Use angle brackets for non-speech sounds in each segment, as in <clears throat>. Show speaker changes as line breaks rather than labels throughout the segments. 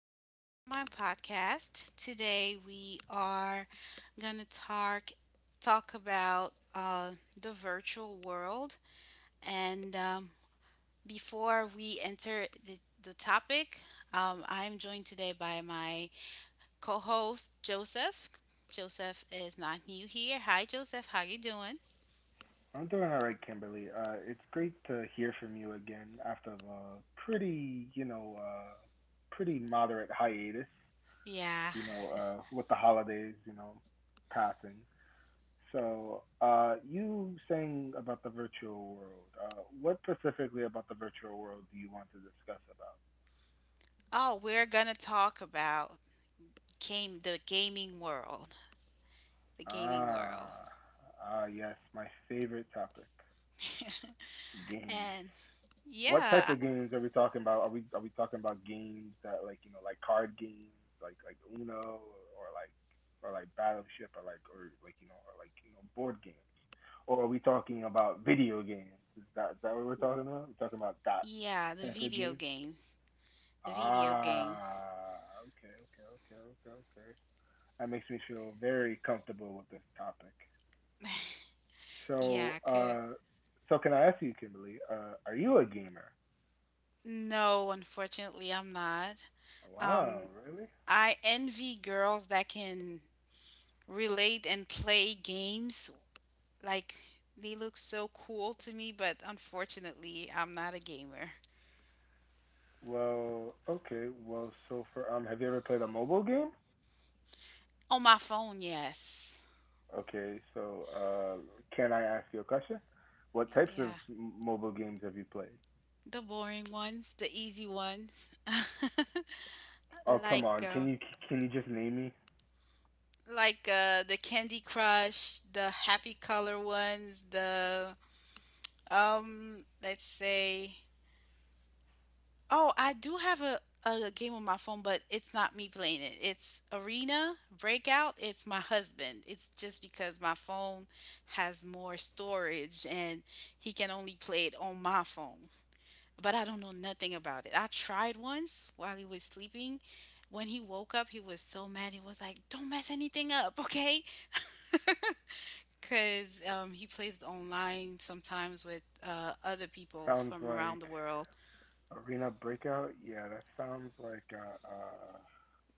Welcome back to my podcast. Today we are going to talk about the virtual world. And Before we enter the topic, I'm joined today by my co-host Joseph. Joseph is not new here. Hi, Joseph. How you doing?
I'm doing all right, Kimberly. It's great to hear from you again after the pretty, pretty moderate hiatus,
Yeah.
with the holidays, passing. So, you saying about the virtual world, what specifically about the virtual world do you want to discuss
Oh, we're gonna talk about game the gaming world. The
about?
gaming world.
Ah, yes, my favorite topic, games.
And
What type
yeah,
of games are we talking about? Are we talking about games that like card games like Uno, or like Battleship or like board games? Or are we talking about video games? Is that what we're talking about? We're talking about that
yeah, the
type of
video
game.
games. The video games.
Ah, Okay. That makes me feel very comfortable with this topic. So,
Yeah, could.
so can I ask you, Kimberly? Are you a gamer?
No, unfortunately, I'm not.
Wow,
Um,
really?
I envy girls that can relate and play games. Like, they look so cool to me, but unfortunately, I'm not a gamer.
Well, okay. Well, so for have you ever played a mobile game?
On my phone, yes.
Okay, so can I ask you a question? What types of
Yeah,
mobile games have you played?
the boring ones, the easy ones. <laughs>
Oh, come
Like,
on. Can
uh,
you can you just name me?
like, the Candy Crush, the happy color ones, the let's say, oh, I do have a game on my phone, but it's not me playing it. It's Arena Breakout. It's my husband. It's just because my phone has more storage and he can only play it on my phone. But I don't know nothing about it. I tried once while he was sleeping. When he woke up, he was so mad. He was like, "Don't mess anything up, okay?" Because he plays online sometimes with other people
Sounds
from around the
like
world.
Arena Breakout. Yeah, that sounds like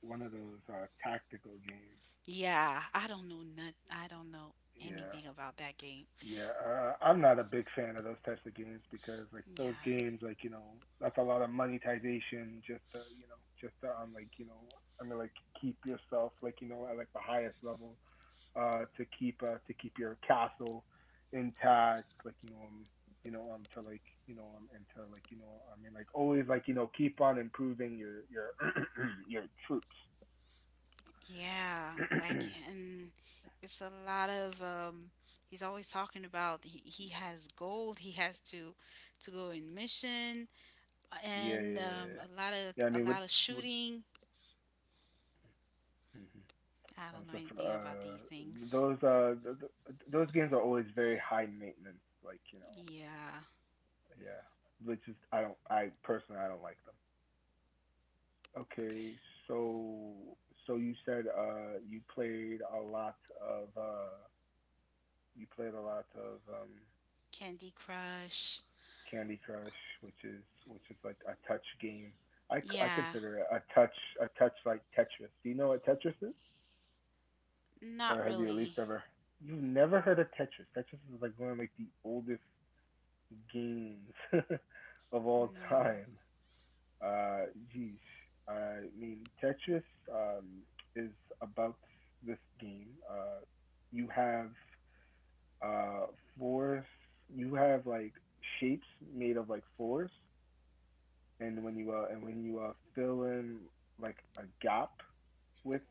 one of those tactical games.
Yeah, I don't know not, I don't know
Yeah.
anything about that game.
Yeah, I'm not a big fan of those types of games because like those
Yeah,
games, that's a lot of monetization just to you know, just to like you know, I mean like keep yourself at like the highest level, to keep your castle intact, to like you know and to like you know I mean like always keep on improving your <clears throat> your troops.
yeah,
<clears throat> yeah,
like and it's a lot of he's always talking about he has gold. He has to go in mission
yeah,
and
yeah, yeah.
a lot
Yeah, I
of a
mean with
lot of
with.
shooting.
Mhm.
I don't know
So for
anything about these things.
those th- th- those games are always very high maintenance. Like you know,
Yeah,
yeah. Which is I don't I personally I don't like them.
okay.
Okay, so you played a lot of you played a lot of um
Candy Crush.
Candy Crush, which is like a touch game. I
Yeah,
consider it a touch like Tetris. Do you know what Tetris is? Or
not
have you at least
really.
ever. You've never heard of Tetris. Tetris is like one of like the oldest games <laughs> of all
No.
time. Uh, geez, I mean Tetris, um, is about this game. You have uh fours. You have like shapes made of like fours, and when you fill in like a gap with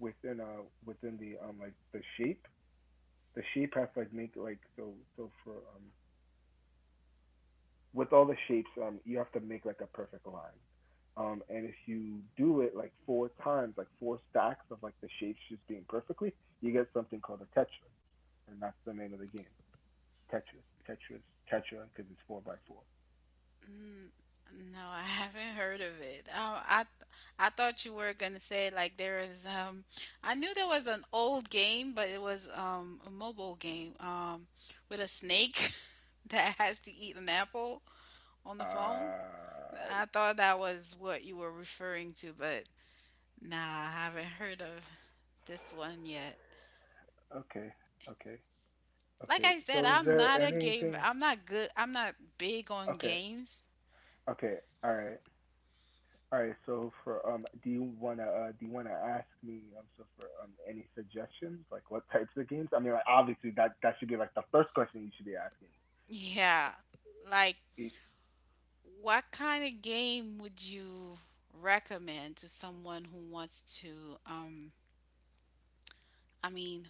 within within the the shape has to like make like so so for with all the shapes, you have to make like a perfect line. And if you do it like four times, like four stacks of like the shapes just being perfectly, you get something called a tetra, and that's the name of the game. Tetris, Tetra, because it's four by four.
N- No, I <laughs> haven't heard of it. Oh, I thought you were gonna say like there is I knew there was an old game, but it was a mobile game with a snake <laughs> that has to eat an apple on the phone.
Uh,
I thought that was what you were referring to, but nah, I haven't heard of this one yet.
okay, okay,
Like
okay.
I said,
So is
I'm
there
not a gamer.
anything?
I'm not good. I'm not big on
Okay,
games.
okay, All right. All right. So for do you wanna ask me so for any suggestions like what types of games? I mean, like obviously that should be like the first question you should be asking.
Yeah. Like,
It-
what kind of game would you recommend to someone who wants to, um, I mean,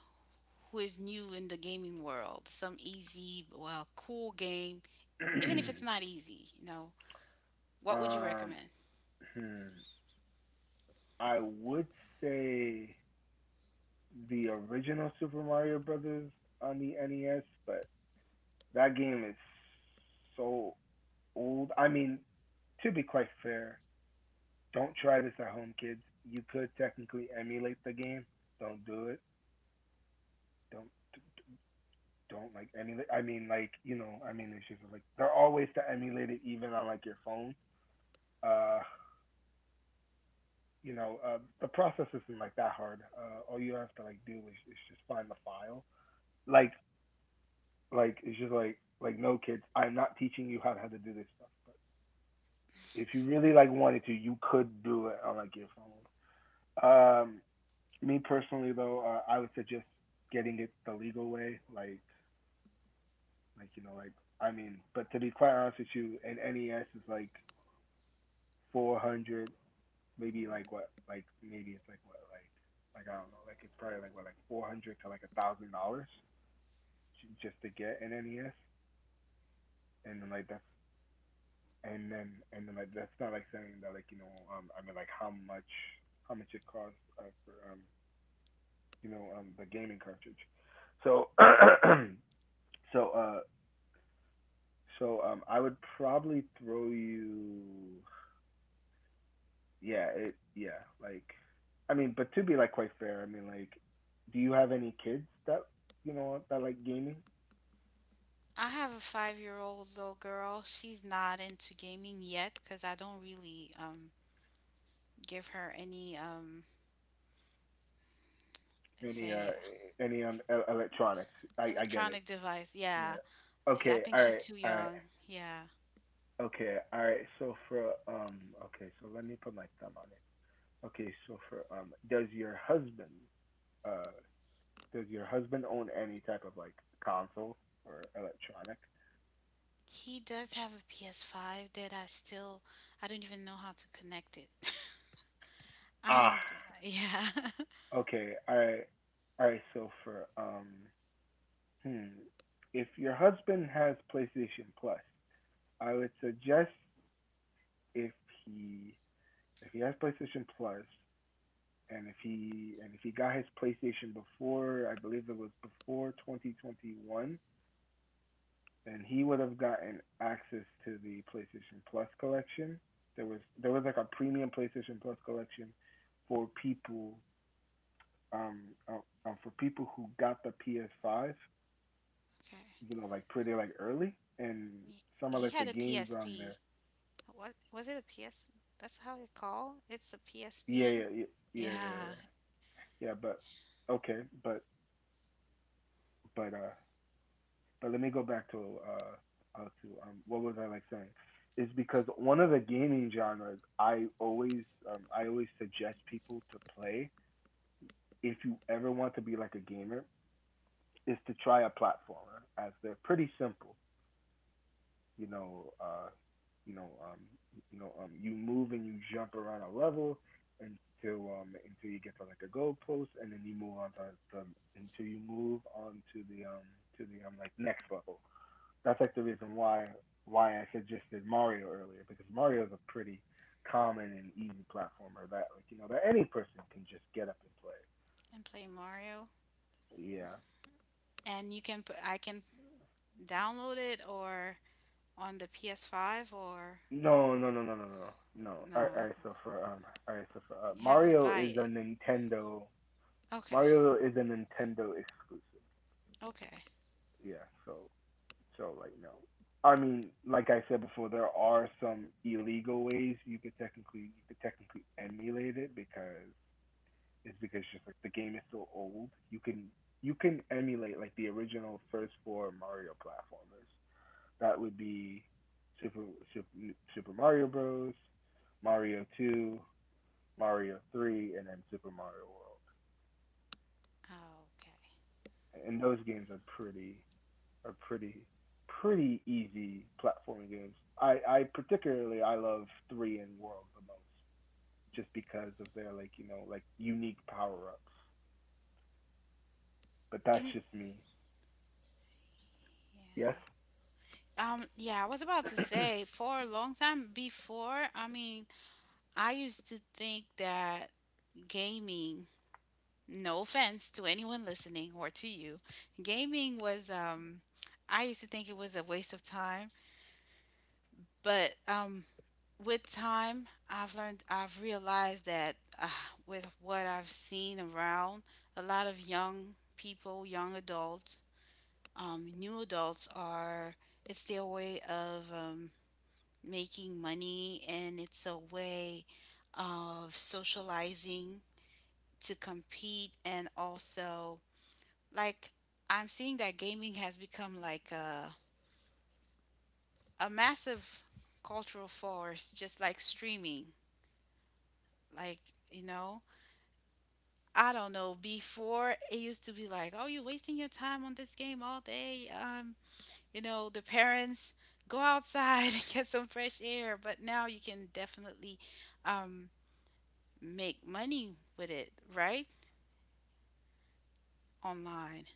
who is new in the gaming world? Some easy, well, cool game, even if it's
<clears throat>
not easy, you know, what would you
um,
recommend?
hmm, I would say the original Super Mario Brothers on the NES, but that game is so old. I mean, to be quite fair, don't try this at home, kids. You could technically emulate the game. Don't do it. Don't don't like emulate. I mean, it's just like there are ways to emulate it even on like your phone. Uh, the process isn't like that hard. All you have to like do is just find the file. Like, it's just like no kids, I'm not teaching you how to do this stuff. But if you really like wanted to, you could do it on like your phone. Um, me personally though, I would suggest getting it the legal way. Like you know, like I mean, but to be quite honest with you, an NES is like 400, maybe it's like what, like I don't know, like it's probably like what, like 400 to like $1,000 just to get an NES, and then like that's not like saying that how much it costs for you know the gaming cartridge, so <clears throat> so uh I would probably throw you. Yeah, it yeah, like I mean, but to be like quite fair, I mean like do you have any kids that you know that like gaming?
I have a 5-year-old little girl. She's not into gaming yet because I don't really give her any, let's
Any
say,
electronics? I get it.
electronic device. Yeah.
Yeah.
I
Okay,
think she's too young. Yeah.
All right. So for okay, so let me put my thumb on it. Okay, so for uh does your husband own any type of like console or electronic?
He does have a PS5 that I don't even know how to connect it. <laughs>
Ah,
I'm d- yeah. <laughs>
okay. All right. All right, so for um Hmm. If your husband has PlayStation Plus, I would suggest if he has PlayStation Plus and if he got his PlayStation before, I believe it was before 2021, then he would have gotten access to the PlayStation Plus collection. There was like a premium PlayStation Plus collection for people, um, uh, for people who got the PS5, you
Okay.
know, like pretty like early and
Y-
some of
He
like the
had a
games on
PSP.
there.
What was it a PS? That's how it called. It's a
Yeah, yeah,
PSP.
yeah, yeah, yeah,
Yeah,
yeah. Yeah, Yeah, But okay, but but uh, but let me go back to what was I like saying? Is because one of the gaming genres I always suggest people to play if you ever want to be like a gamer is to try a platformer as they're pretty simple. You know, you know, you know, you move and you jump around a level until you get to like a goalpost, and then you move on to until you move on to the like next level. That's like the reason why I suggested Mario earlier because Mario is a pretty common and easy platformer that like you know that any person can just get up and play.
and play Mario.
Yeah.
And you can put I can download it or on the PS5 or
No. All right, all
no,
right. So for all right. So for
you have to
Mario
buy
is a
it.
Nintendo
Okay.
Mario is a Nintendo exclusive.
Okay.
Yeah, so like no. I mean, like I said before, there are some illegal ways you could technically emulate it because it's just like the game is so old. You can emulate like the original first four Mario platformers. That would be Super Super, Super Mario Bros, Mario 2, Mario 3, and then Super Mario World.
Okay.
And those games are are pretty pretty easy platforming games. I particularly I love three and World the most, just because of their unique power ups. But
You
that's
kn-
just me. Yes.
yeah. Yeah, I was about to say
<clears throat>
for a long time before, I mean, I used to think that gaming, no offense to anyone listening or to you, gaming was, I used to think it was a waste of time. But with time, I've learned, I've realized that uh, with what I've seen around, a lot of young people, young adults, new adults are, it's their way of, making money, and it's a way of socializing to compete, and also like I'm seeing that gaming has become like a massive cultural force, just like streaming. Like, you know, I don't know, before it used to be like, oh, you're wasting your time on this game all day. You know, the parents, go outside <laughs> and get some fresh air. But now you can definitely, um, make money with it, right? Online.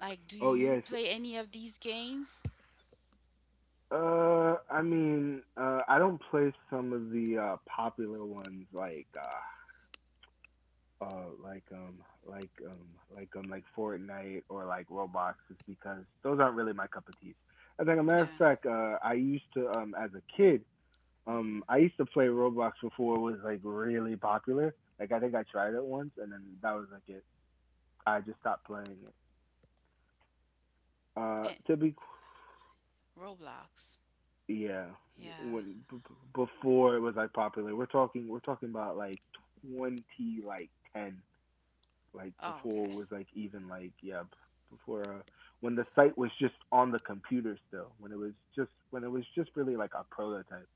Like, do
oh
you
yes.
play any of these games?
I mean, I don't play some of the popular ones uh like um like um like Fortnite or like Roblox just because those aren't really my cup of tea. As like a matter of
Yeah.
fact, I used to as a kid.
Hmm.
I used to play Roblox before it was like really popular. Like I think I tried it once, and then that was like it. I just stopped playing it.
And
To be
Roblox.
qu- yeah,
Yeah.
when before it was like popular. We're talking about like twenty like ten like
Oh, okay.
before it was like even like before when the site was just on the computer still when it was just really like a prototype.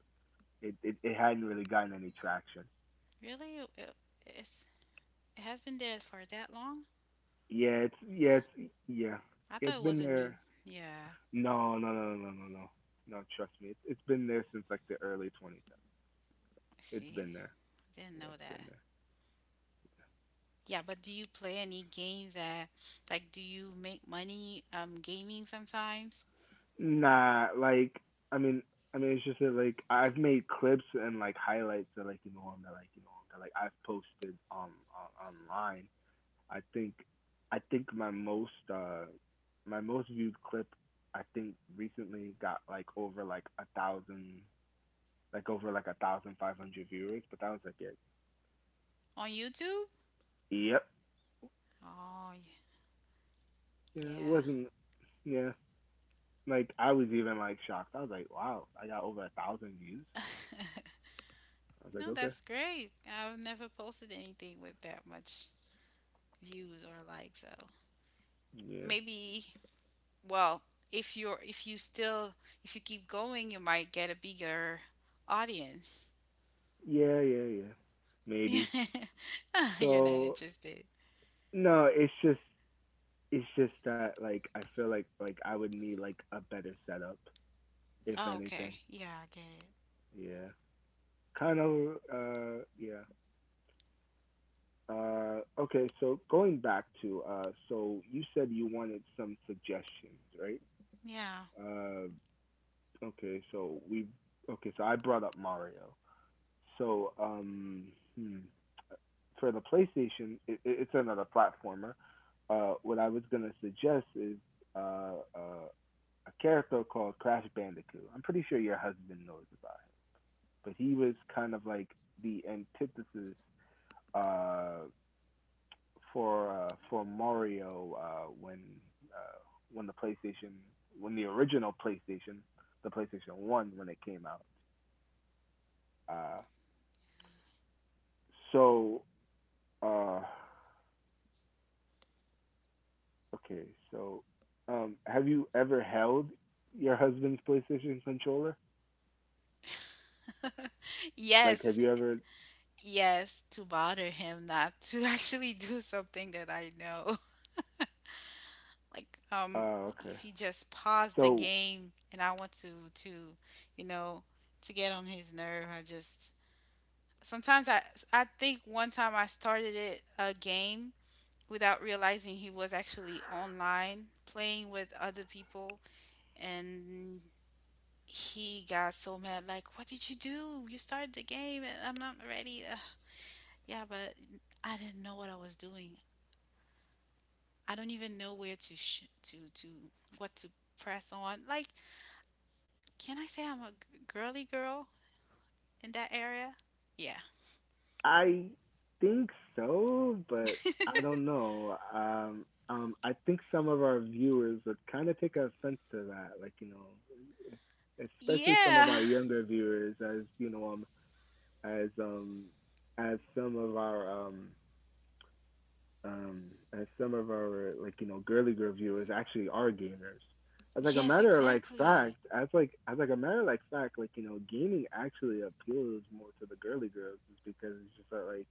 It hadn't really gotten any traction.
Really? It's it has been there for that long?
Yeah, it's yeah, it's yeah,
I thought
it's
it was
been
a
there.
new. Yeah.
No, no, no, no, no, no, no. No, trust me, it's been there since like the early 2010s.
I
It's
see.
been there.
Didn't
Yeah,
know
it's
that.
been there.
Yeah, but do you play any games that, like, do you make money gaming sometimes?
Nah, like I mean, I mean, it's just that like I've made clips and like highlights that like I've posted on, online. I think, I think my most viewed clip I think recently got like over like a thousand like over like a thousand five hundred viewers, but that was like it.
On YouTube?
Yep.
Oh,
Yeah, it wasn't. Yeah, like I was even like shocked. I was like, wow, I got over 1,000 views.
yeah. <laughs>
I was like,
No,
okay,
that's great. I've never posted anything with that much views or likes, so
yeah,
maybe, well, if you still, if you keep going, you might get a bigger audience.
yeah, yeah, yeah, maybe.
<laughs> You're not
So
interested.
no, it's just that like I feel like I would need like a better setup if
Oh,
anything.
okay. Yeah, I get it.
Yeah, kind of. Yeah. Okay, so going back to, you said you wanted some suggestions, right?
Yeah.
Uh, okay, so we okay, so I brought up Mario. So um, hmm, for the PlayStation, it's another platformer. What I was gonna suggest is uh, uh, a character called Crash Bandicoot. I'm pretty sure your husband knows about him, but he was kind of like the antithesis. Uh, for Mario, uh, when the PlayStation when the original PlayStation, the PlayStation One, when it came out. Uh, so uh, okay, so have you ever held your husband's PlayStation controller? Like, have
Yes,
you ever?
yes, to bother him, not to <laughs> actually do something that I know,
Uh, okay,
like, if he
so
just paused the game and I want to you know to get on his nerve. I just, sometimes I think, one time I started it a game without realizing he was actually online playing with other people, and he got so mad, like, what did you do? You started the game and I'm not ready. Ugh. Yeah, but I didn't know what I was doing. I don't even know where to sh- to what to press on, like, can I say I'm a girly girl in that area? Yeah.
I think so, but I don't know. I think some of our viewers would kind of take offense to that, like you know, especially some of our
Yeah.
younger viewers as you know um as um as some of our um as some of our like you know girly girl viewers actually are gamers. As like a
Yes,
matter of like
exactly.
fact as like a matter of like fact like you know gaming actually appeals more to the girly girls, is because it's just that like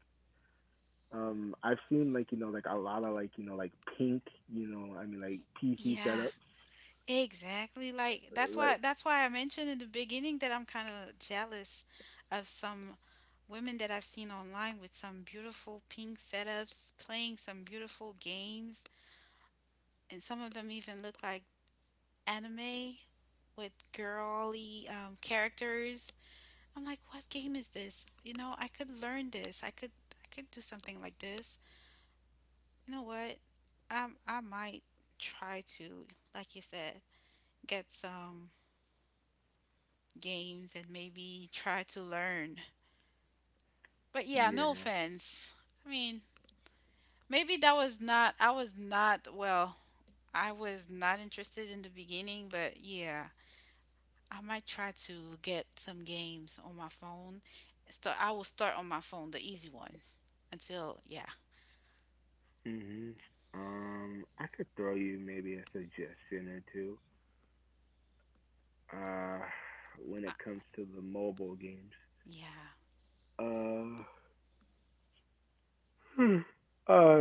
um I've seen like you know like a lot of like you know like pink, you know I mean, like PC
Yeah.
setups
Exactly. Like,
like
that's why I mentioned in the beginning that I'm kind of jealous of some women that I've seen online with some beautiful pink setups, playing some beautiful games, and some of them even look like anime with girly, characters. I'm like, what game is this? You know, I could learn this. I could do something like this. You know what? I might try to, like you said, get some games and maybe try to learn. But yeah, no
yeah.
offense. I mean, maybe that was not, I was not, well, I was not interested in the beginning, but yeah, I might try to get some games on my phone. So I will start on my phone, the easy ones, until, yeah,
Mhm. I could throw you maybe a suggestion or two. Uh, when
I,
it comes to the mobile games.
yeah.
Uh, hmm. uh,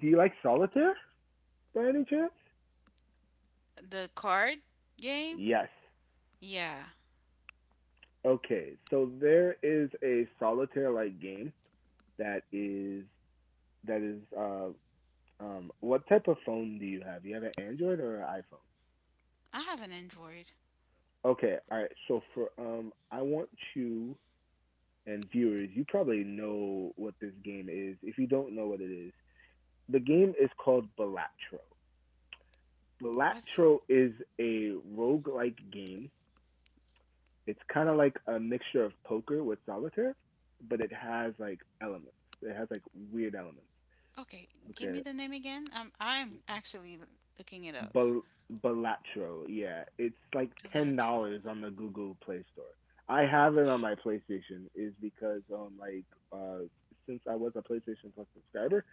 do you like solitaire by any chance?
The card game?
Yes.
Yeah,
Okay. So there is a solitaire-like game that is that is uh what type of phone do you have? You have an Android or an iPhone?
I have an Android.
Okay. All right. So for I want you and viewers, you probably know what this game is. If you don't know what it is, the game is called Balatro.
What's
Balatro is a roguelike game. It's kind of like a mixture of poker with solitaire, but it has like elements. It has like weird elements.
okay? Give
Okay.
me the name again. I'm actually looking it up.
Bal- Balatro, yeah. It's like
Bilateral,
$10 on the Google Play Store. I have it on my PlayStation is because uh since I was a PlayStation Plus subscriber,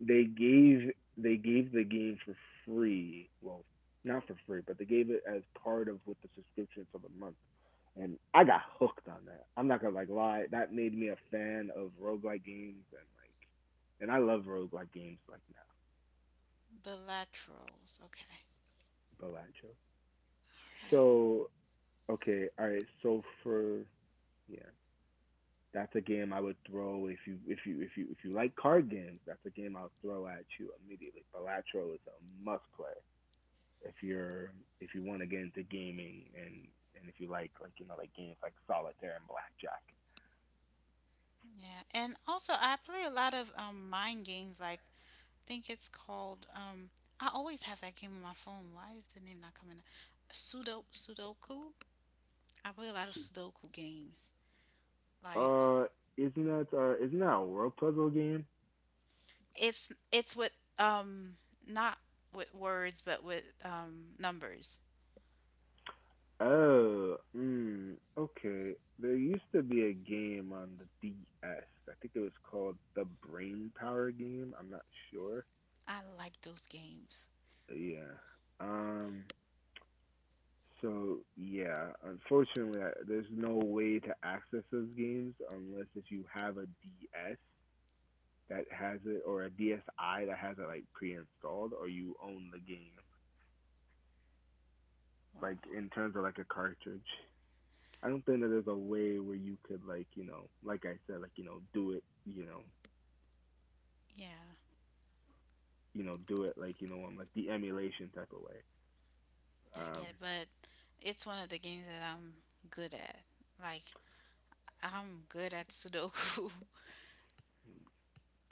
they gave they gave the game for free. Well, not for free, but they gave it as part of with the subscription for the month. And I got hooked on that. I'm not gonna like lie, that made me a fan of roguelike games, and I love roguelike games like now.
bilaterals. Okay,
Balacho.
all right.
So okay, alright, so for yeah. That's a game I would throw if you like card games, that's a game I'll throw at you immediately. Balatro is a must play. if you're if you want to get into gaming, and if you like you know like games like solitaire and blackjack.
Yeah, and also I play a lot of mind games. Like, I think it's called, I always have that game on my phone. Why is the name not coming up? Sudoku. I play a lot of Sudoku games. Like,
Uh, uh, isn't that a word puzzle game?
it's with, um not with words, but with numbers.
Oh, mm, okay. There used to be a game on the DS. I think it was called the Brain Power game. I'm not sure.
I like those games.
But yeah. Um. So yeah, unfortunately, there's no way to access those games unless if you have a DS that has it, or a DSI that has it like pre-installed, or you own the game. Like
Wow.
in terms of like a cartridge, I don't think that there's a way where you could like you know like I said like you know do it you know
Yeah,
you know do it like you know like the emulation type of way.
I get
Um,
it, but it's one of the games that I'm good at. Like, I'm good at Sudoku. <laughs>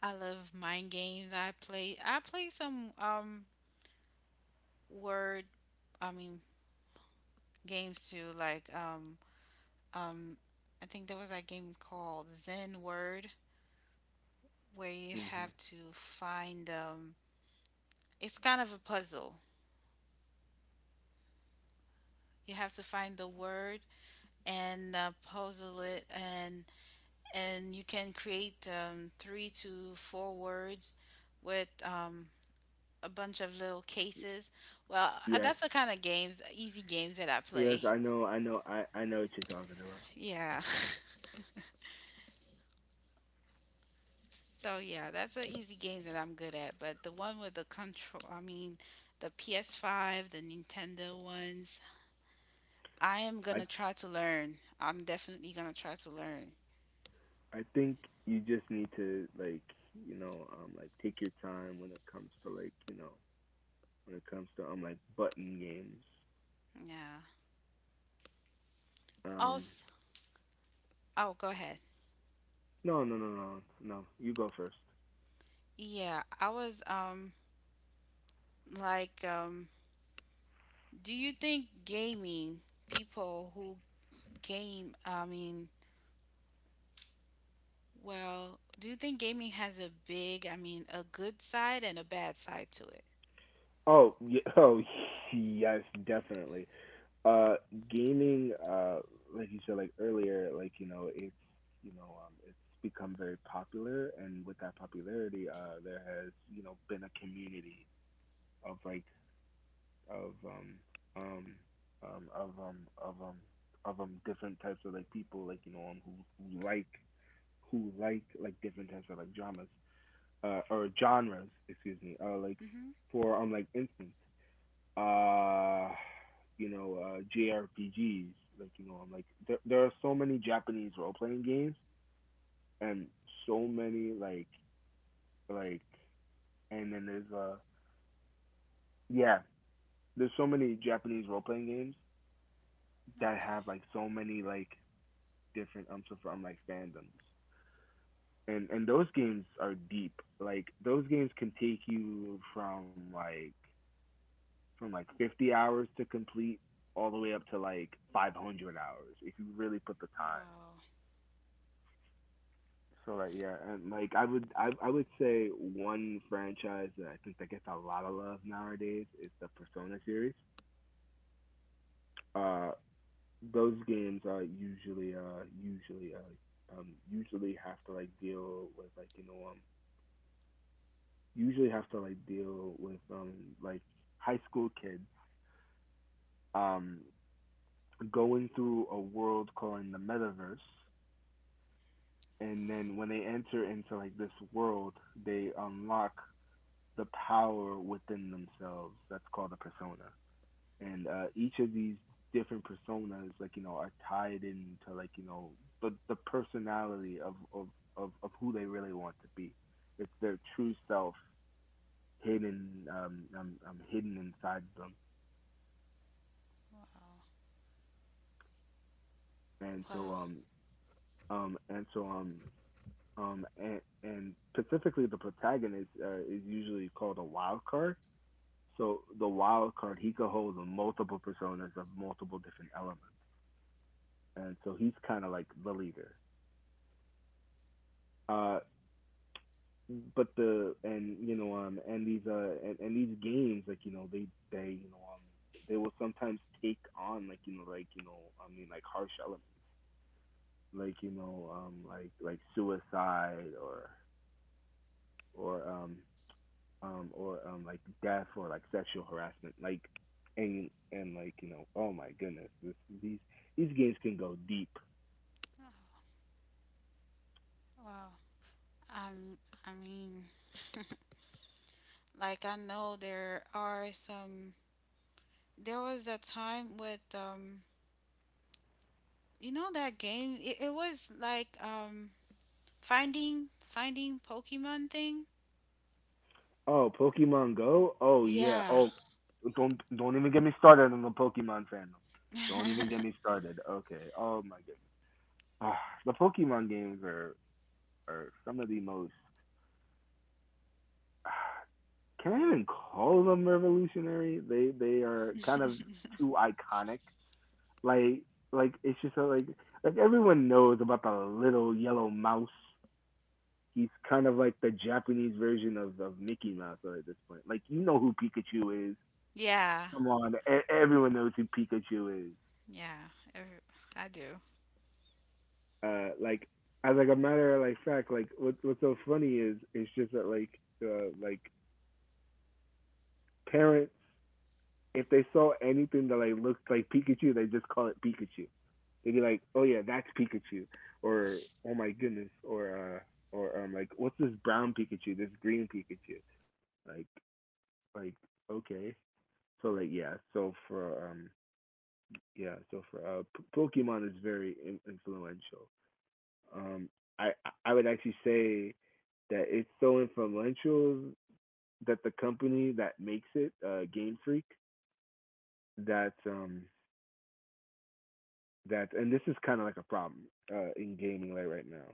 I love mind games. I play some word I mean games too, like, um I think there was a game called Zen Word where you
hmm
have to find, it's kind of a puzzle. You have to find the word and, puzzle it, and you can create, three to four words with, a bunch of little cases. Well,
yes,
that's the kind of games, easy games, that I
yes,
play.
I know, I know, I know what you're talking about.
Yeah. <laughs> So yeah, that's an easy game that I'm good at. But the one with the control, I mean, the PS5, the Nintendo ones, I am
I
gonna try to learn. I'm definitely gonna try to learn.
I think you just need to like you know like take your time when it comes to like you know when it comes to like button games
Yeah.
um.
Also, oh, go ahead.
No, no, no, no, no. You go first.
Yeah, I was, like, do you think gaming people who game I mean, well, do you think gaming has a big, I mean, a good side and a bad side to it?
Oh, yeah, oh, <laughs> yes, definitely. Uh, gaming, like you said, like earlier, like you know, it's become very popular, and with that popularity, there has you know been a community of like of um um um of um of um of different types of like people, like you know, um, who like like different types of like dramas. Uh, or genres, excuse me. Uh, like
Mhm.
for um, like instance, uh, you know, JRPGs. Like you know, I'm like there are so many Japanese role playing games, and so many like and then yeah there's so many Japanese role playing games that have
Okay.
like so many like different so from like fandoms, and those games are deep. Like those games can take you from like 50 hours to complete all the way up to like 500 hours if you really put the time.
Wow.
So like yeah, and like I would say one franchise that I think that gets a lot of love nowadays is the Persona series. Uh, those games are usually usually usually have to like deal with like you know usually have to like deal with like high school kids um going through a world called the metaverse, and
Wow.
then when they enter into like this world, they unlock the power within themselves. That's called a persona. And each of these different personas, like you know, are tied into like you know the personality of of who they really want to be. It's their true self hidden hidden inside them. And
Wow.
so and so and specifically the protagonist, is usually called a wild card. So the wild card, he could hold multiple personas of multiple different elements, and so he's kind of like the leader. Uh, but the and you know and these games like you know they you know they will sometimes take on like you know I mean like harsh elements, like you know like suicide or like death or like sexual harassment like, and like you know oh my goodness, this these these games can go deep.
Wow. Wow. Um I mean, <laughs> like, I know there are some there was a time with, you know, that game, it was like, finding Pokemon thing?
Oh, Pokemon Go, oh yeah,
Yeah.
oh, don't even get me started on the Pokemon fandom, don't even get
<laughs>
me started, okay, oh my goodness, ah, the Pokemon games are some of the most, <sighs> can I even call them revolutionary? They are kind of too iconic. Like it's just like everyone knows about the little yellow mouse. He's kind of like the Japanese version of Mickey Mouse at this point. Like you know who Pikachu is.
Yeah.
Come on, everyone knows who Pikachu is.
Yeah. Every, I do.
Like as like a matter of like fact, like what's so funny is it's just that like parents, if they saw anything that like looked like Pikachu, they just call it Pikachu. They'd be like, "Oh yeah, that's Pikachu," or "Oh my goodness," or like, "What's this brown Pikachu? This green Pikachu?" Like, like okay, so like yeah, so for P- Pokemon is very influential. Um, I I would actually say that it's so influential that the company that makes it, Game Freak, that that and this is kind of like a problem in gaming like right now,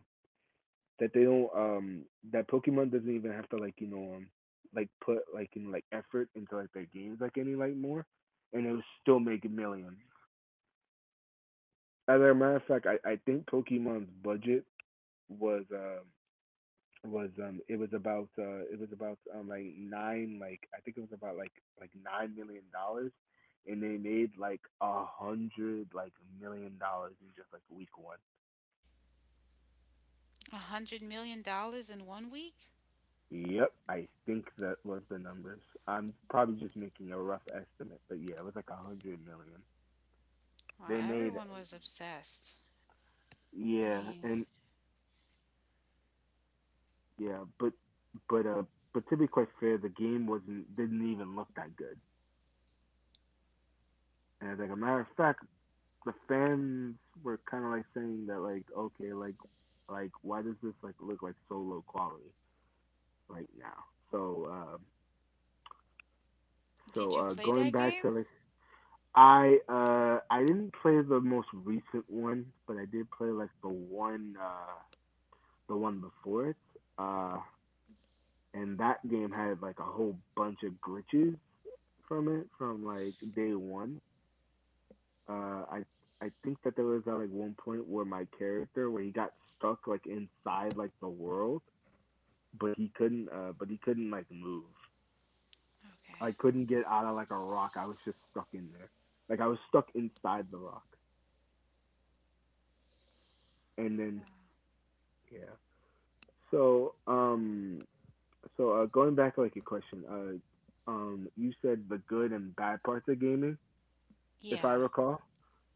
that they don't that Pokemon doesn't even have to like you know like put like in like effort into like their games like any like more, and it was still making millions. As a matter of fact, I think Pokemon's budget was uh was it was about like nine like I think it was about like $9 million, and they made like a hundred like million dollars in just like week one.
$100 million in one week?
Yep, I think that was the numbers. I'm probably just making a rough estimate, but yeah, it was like 100 million.
Wow,
They made
everyone was obsessed. I
yeah,
mean,
and yeah, but uh but to be quite fair, the game wasn't didn't even look that good. And as like a matter of fact, the fans were kind of like saying that like okay, like why does this like look like so low quality right now? So uh,
did
so
you
uh,
play
going
that
back to
game?
like I didn't play the most recent one, but I did play like the one before it. Uh and that game had like a whole bunch of glitches from it from like day one. Uh I I think that there was at like one point where my character where he got stuck like inside like the world, but he couldn't like move. I
Okay.
couldn't get out of like a rock. I was just stuck in there. Like I was stuck inside the rock. And
Wow.
then yeah. So, um, so, going back to like your question, you said the good and bad parts of gaming, if I
Yeah.
recall.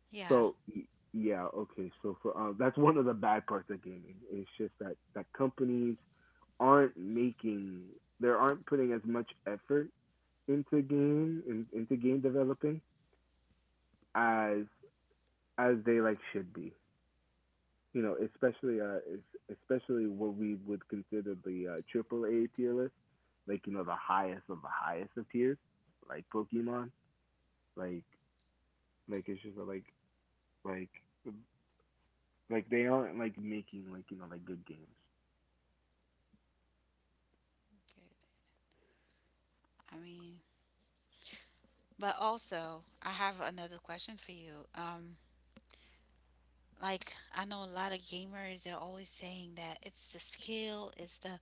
Yeah.
So, y- yeah, okay. So for that's one of the bad parts of gaming. It's just that companies aren't making, they aren't putting as much effort into game developing as as they like should be. You know, especially what we would consider the triple A tier list, like you know, the highest of tiers, like Pokemon, like like it's just like like they aren't like making like you know like good games.
Good. I mean, but also, I have another question for you. Like, I know a lot of gamers are always saying that it's the skill, it's the,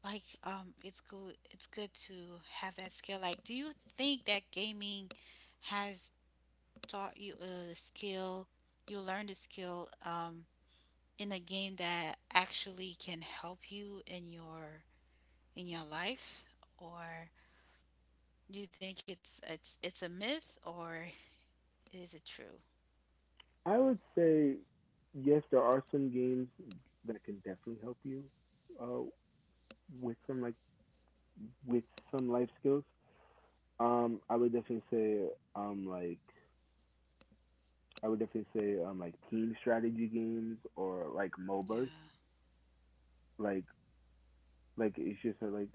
like, it's good to have that skill. Like, do you think that gaming has taught you a skill, you learned a skill um in a game, that actually can help you in your life? Or do you think it's a myth, or is it true?
I would say yes, there are some games that can definitely help you uh, with some like with some life skills. Um, I would definitely say um, I would definitely say like team strategy games or like
Yeah.
MOBAs. Like like it's just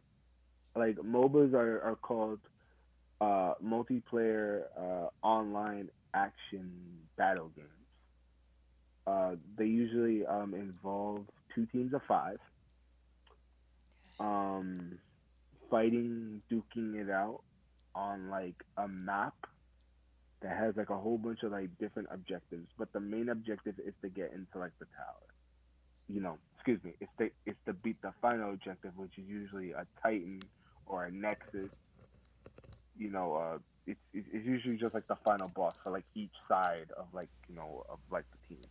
like MOBAs are called multiplayer online action battle games. They usually involve two teams of 5 um fighting duking it out on like a map that has like a whole bunch of like different objectives, but the main objective is to get into like the tower. You know, excuse me, it's to beat the final objective, which is usually a Titan or a Nexus. You know, uh, it's usually just like the final boss for like each side of like you know of like the team.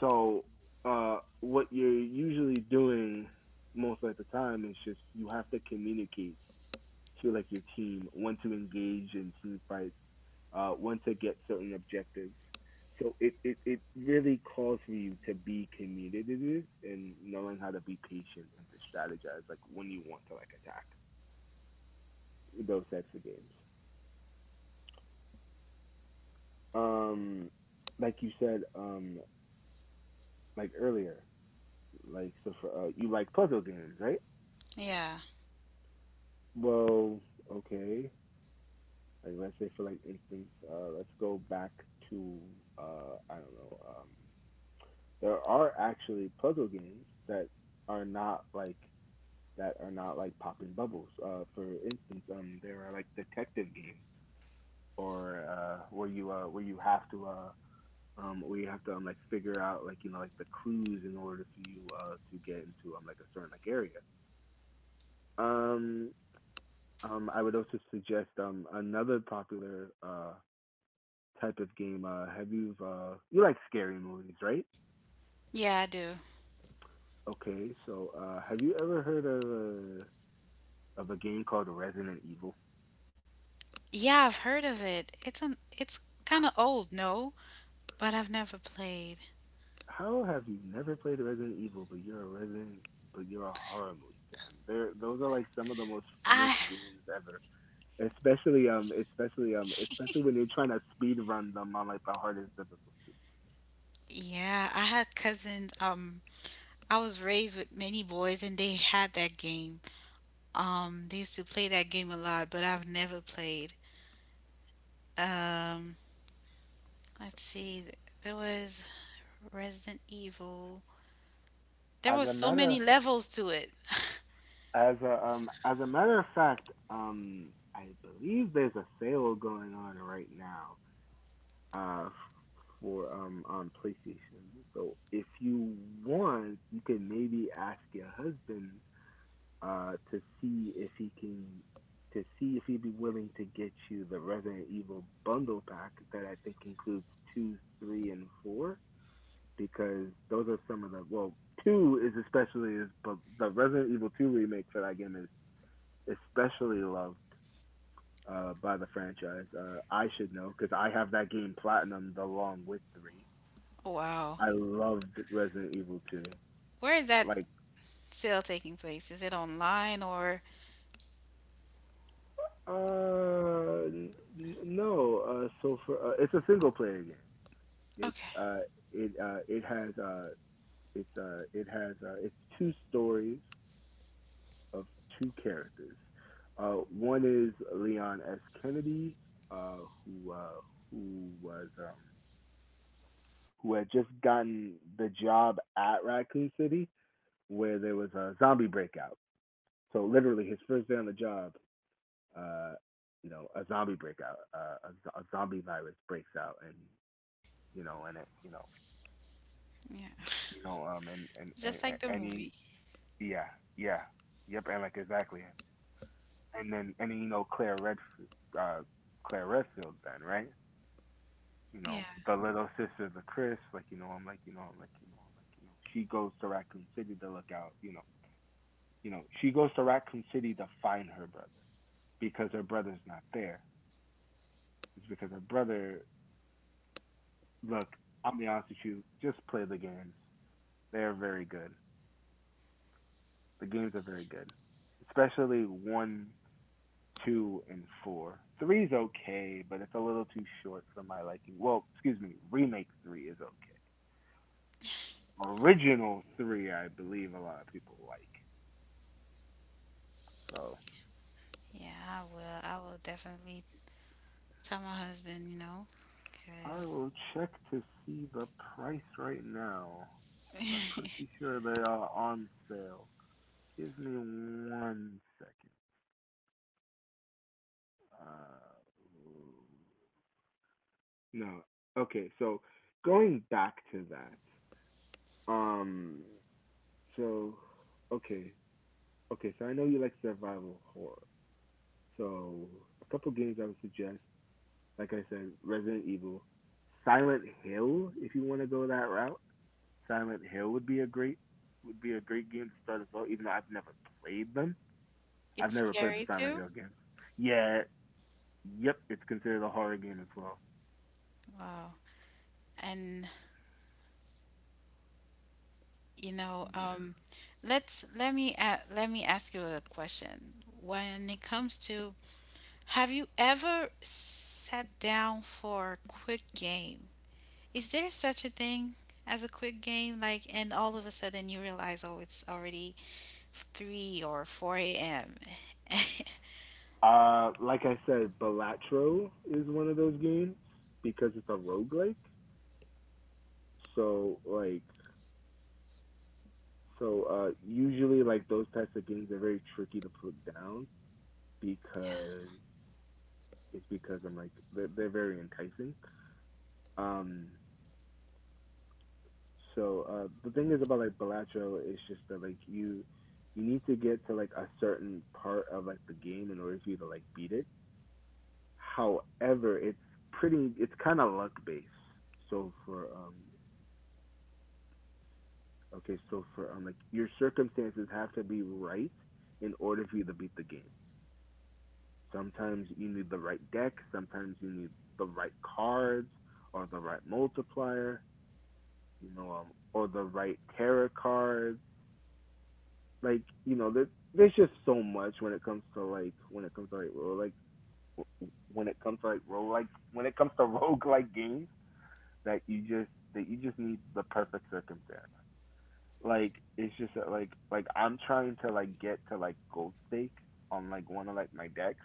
So what you're usually doing most of the time is just you have to communicate to like your team, when to engage in team fights, when to get certain objectives. So it really calls for you to be committed to this and knowing how to be patient and to strategize like when you want to like attack those types of games. Um, like you said, like earlier, so for you like puzzle games, right?
Yeah.
Well, okay. Like let's say for like instance, let's go back to I don't know, there are actually puzzle games that are not like that are not like popping bubbles. For instance, there are like detective games or where you have to like figure out like you know like the clues in order for you to get into like a certain like area. Um, I would also suggest another popular type of game. Have you You like scary movies, right?
Yeah, I do.
Okay, so have you ever heard of a game called Resident Evil?
Yeah, I've heard of it. It's
H-
kind of old, no, but I've never played.
How have you never played Resident Evil, but you're a horror movie fan? Those are like some of the most funnest
I
games ever. Especially when you're trying to speed run them on like the hardest difficulty.
yeah, I had cousins. I was raised with many boys, and they had that game. They used to play that game a lot, but I've never played. Um, let's see. There was Resident Evil. There
As
was
a
so many
matter
levels to it.
as a matter of fact, I believe there's a sale going on right now. Uh, for on PlayStation. So if you want, you can maybe ask your husband uh, to see if he can to see if he'd be willing to get you the Resident Evil bundle pack that I think includes two, three, and four because those are some of the well two is especially is but the Resident Evil two remake for that game is especially loved by the franchise. I should know because I have that game platinumed along with three.
Wow.
I loved Resident Evil two.
Where is that
Like
sale taking place? Is it online or?
n- no so for It's a single player game. It's
Okay.
it it has it's it has It's two stories of two characters. One is Leon S. Kennedy, uh, who uh, who was who had just gotten the job at Raccoon City, where there was a zombie breakout. So literally, his first day on the job, uh, you know, a zombie virus breaks out, and you know, and it,
Yeah.
you know, um, and and and,
Just like the
and he—
movie.
Yeah, yeah, yep, and like exactly, and then, you know, Claire Redfield, uh, Claire Redfield, then right? You
Yeah.
know the little sister of Chris, like you know I'm like you know I'm like you know I'm like you know she goes to Raccoon City to look out, you know she goes to Raccoon City to find her brother because her brother's not there. It's because her brother, look, I'll be honest with you, just play the games. They are very good. The games are very good, especially one two and four. Three is okay, but it's a little too short for my liking. Well, excuse me, remake three is okay. Original three, I believe a lot of people like. So
Yeah, I will. I will definitely tell my husband, you know,
I
because
will check to see the price right now because I'm pretty sure they are on sale. Give me one second. Uh, no, okay. So going back to that, um, so okay, Okay, so I know you like survival horror. So a couple games I would suggest, like I said, Resident Evil, Silent Hill. If you want to go that route, Silent Hill would be a great game to start as well. Even though I've never played them, I've
it's
never played the
scary
Silent
too.
Hill games. Yeah, yep, it's considered a horror game as well.
Wow. And you know,
Yeah.
let me ask you a question. When it comes to, have you ever sat down for a quick game? Is there such a thing as a quick game? Like, and all of a sudden you realize, oh, it's already 3 or 4 a.m. <laughs> Yeah.
Like I said, Balatro is one of those games because it's a roguelike. So like So usually, like those types of games are very tricky to put down because because they're very enticing. Um, the thing is about like Balatro is just that like you need to get to like a certain part of like the game in order for you to like beat it. However, it's pretty it's kind of luck based. So for okay, so for like your circumstances have to be right in order for you to beat the game. Sometimes you need the right deck. Sometimes you need the right cards or the right multiplier, you know, or the right tarot cards. Like, you know, there's just so much when it comes to like when it comes to like rogue like when it comes to like rogue like when it comes to <laughs> rogue like games that you just need the perfect circumstance. Like it's just like I'm trying to like get to like gold stake on like one of like my decks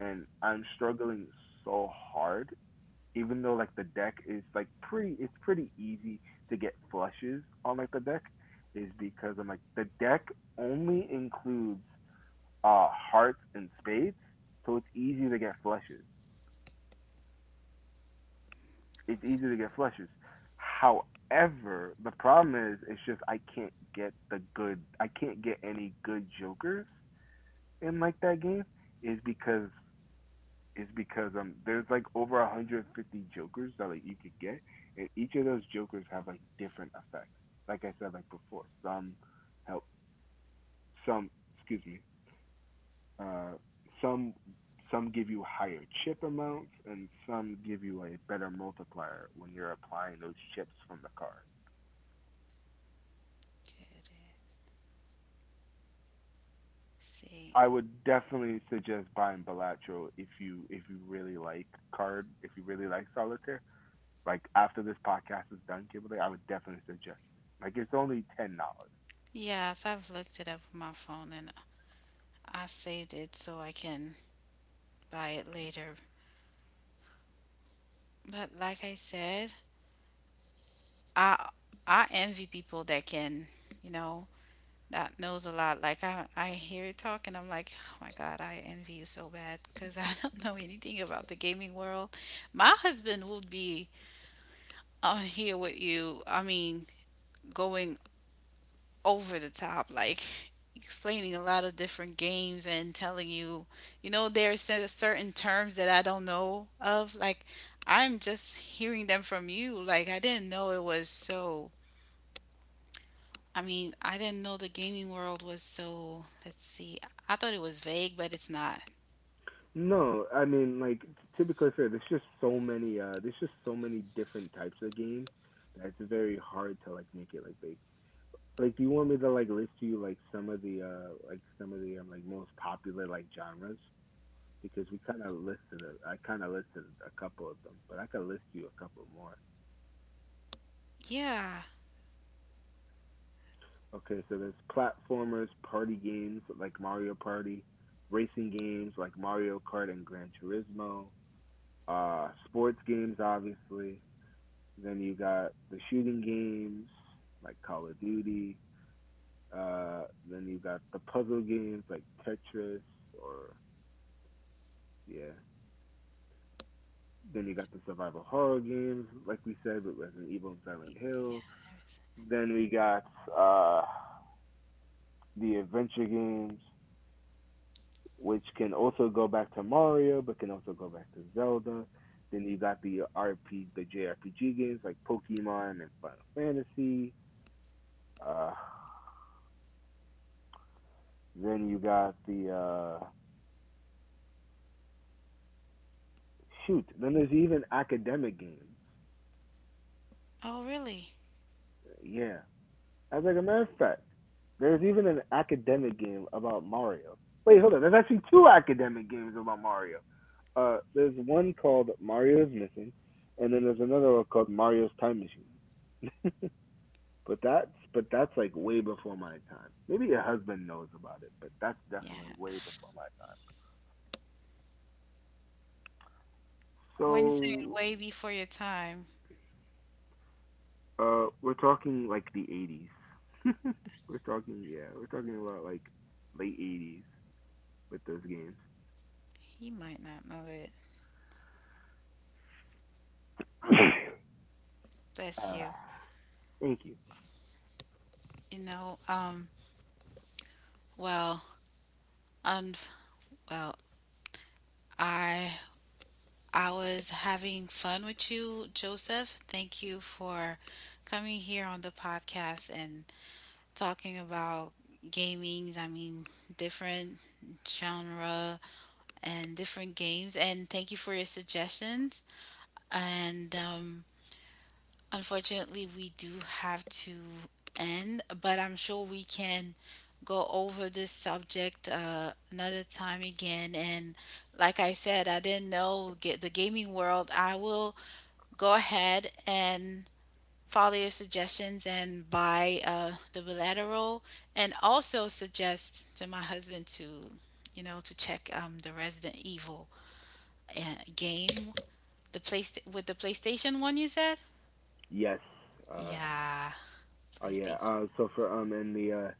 and I'm struggling so hard even though like the deck is like pretty it's pretty easy to get flushes on like the deck is because I'm like the deck only includes hearts and spades, so it's easy to get flushes. It's
Okay.
easy to get flushes. However, the problem is it's just I can't get the good I can't get any good jokers in like that game is because is because there's like over 150 jokers that like you could get and each of those jokers have like different effects like I said like before some help some excuse me uh some some give you higher chip amounts and some give you a better multiplier when you're applying those chips from the card.
Let's see.
I would definitely suggest buying Balatro if you really like card if you really like solitaire. Like after this podcast is done, Kimberly, I would definitely suggest it. Like it's only $10.
Yes, I've looked it up on my phone and I saved it so I can buy it later. But like I said, I I envy people that can, you know, that knows a lot. Like, I hear it talk and I'm like, "Oh my God, I envy you so bad because I <laughs> don't know anything about the gaming world." My husband would be on here with you. I mean, going over the top, like, explaining a lot of different games and telling you, you know, there are certain terms that I don't know of. Like, I'm just hearing them from you. Like, I didn't know it was so. I mean, I didn't know the gaming world was so. Let's see. I thought it was vague, but it's not.
No, I mean like typically fair. There's just so many. There's just so many different types of games that it's very hard to like make it like big. Like, do you want me to like list to you like some of the like most popular like genres? Because we kind of listed, I kind of listed a couple of them, but I could list you a couple more.
Yeah.
Okay, so there's platformers, party games like Mario Party, racing games like Mario Kart and Gran Turismo, sports games, obviously. Then you got the shooting games like Call of Duty. Uh, then you got the puzzle games like Tetris or, yeah. Then you got the survival horror games, like we said, with Resident Evil and Silent Hill.
Yeah.
Then we got uh, the adventure games which can also go back to Mario, but can also go back to Zelda. Then you got the JRPG games like Pokemon and Final Fantasy. Uh, then you got the shoot. Then there's even academic games.
Oh, really?
Yeah, as like a matter of fact, there's even an academic game about Mario. Wait, hold on. There's actually two academic games about Mario. There's one called Mario is Missing, and then there's another one called Mario's Time Machine. <laughs> But that's but that's like way before my time. Maybe your husband knows about it, but that's definitely
Yeah.
way before my time.
When you say it
So
way before your time,
uh we're talking like the 80s. We're talking yeah, we're talking about like late 80s with those games.
he might not know it. Bless
Uh
you.
Thank you.
You know, well, un well, I I was having fun with you, Joseph. Thank you for coming here on the podcast and talking about gamings. I mean, different genre and different games. And thank you for your suggestions. And unfortunately, we do have to end, but I'm sure we can go over this subject, another time again. And like I said, I didn't know get the gaming world. I will go ahead and follow your suggestions and buy, the bilateral, and also suggest to my husband to, you know, to check, the Resident Evil, uh, game, the place with the PlayStation one. You said,
Yes. Uh
yeah.
oh yeah.
PlayStation.
So for And the uh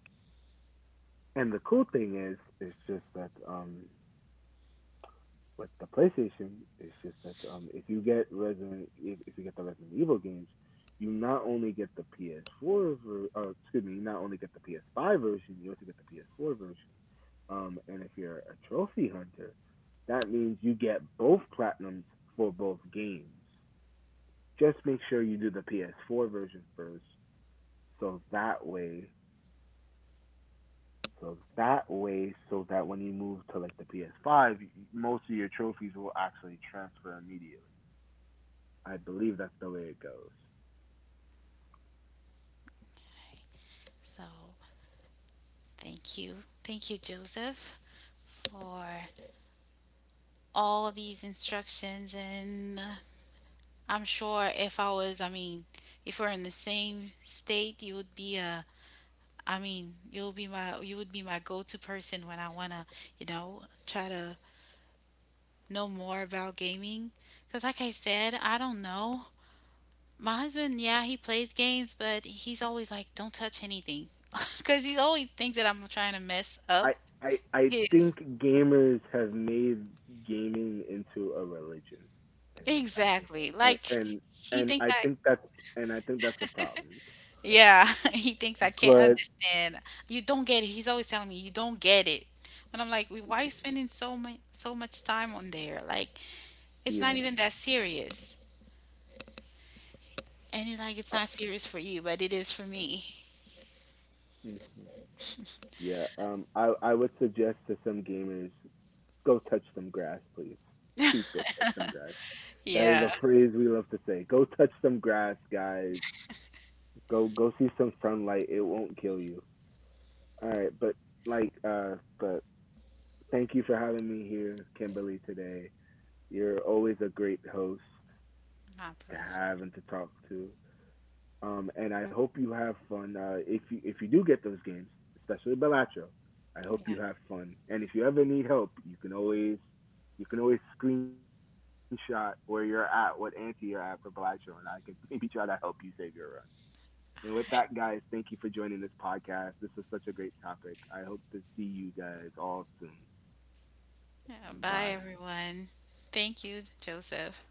and the cool thing is it's just that with the PlayStation, it's just that if you get Resident, if you get the Resident Evil games, you not only get the PS4, ver- uh, excuse me, you not only get the PS5 version, you also get the PS4 version. And if you're a trophy hunter, that means you get both platinums for both games. Just make sure you do the PS4 version first, so that way, so that when you move to like the PS5, most of your trophies will actually transfer immediately. I believe that's the way it goes.
So thank you. Thank you, Joseph, for all these instructions. And, I'm sure, if I was, I mean, if we're in the same state, you would be a, I mean, you would be my go-to person when I wanna, you know, try to know more about gaming. Cause like I said, I don't know. My husband, yeah, he plays games, but he's always like, don't touch anything. <laughs> Cause he always thinks that I'm trying to mess up
I I
his.
think gamers have made gaming into a religion, and I think
Exactly.
and
Like,
and,
he
and
thinks
I
I
think that's and I think that's a problem.
yeah, <laughs> he thinks I can't
But
understand. You don't get it. He's always telling me you don't get it. But I'm like, why are you spending so much time on there? Like, it's not
yeah,
even that serious. And he's like, it's
uh,
not serious for you, but it is for me.
mhm. Yeah. I would suggest to some gamers, go touch some grass, please. Please go touch some grass. That is a
Yeah.
phrase we love to say. Go touch some grass, guys. Go go see some sunlight. It won't kill you. All right, but like but Thank you for having me here, Kimberly, today. You're always a great host
My
to
pleasure.
have and to talk to. And I hope you have fun. If you do get those games, especially Bellatro, I hope
Yeah.
you have fun. And if you ever need help, you can always screenshot where you're at, what ante you're at for Bellatro, and I could <laughs> maybe try to help you save your run. And with that, guys, thank you for joining this podcast. This was such a great topic. I hope to see you guys all soon.
Yeah. Bye
Bye.
everyone. Thank you, Joseph.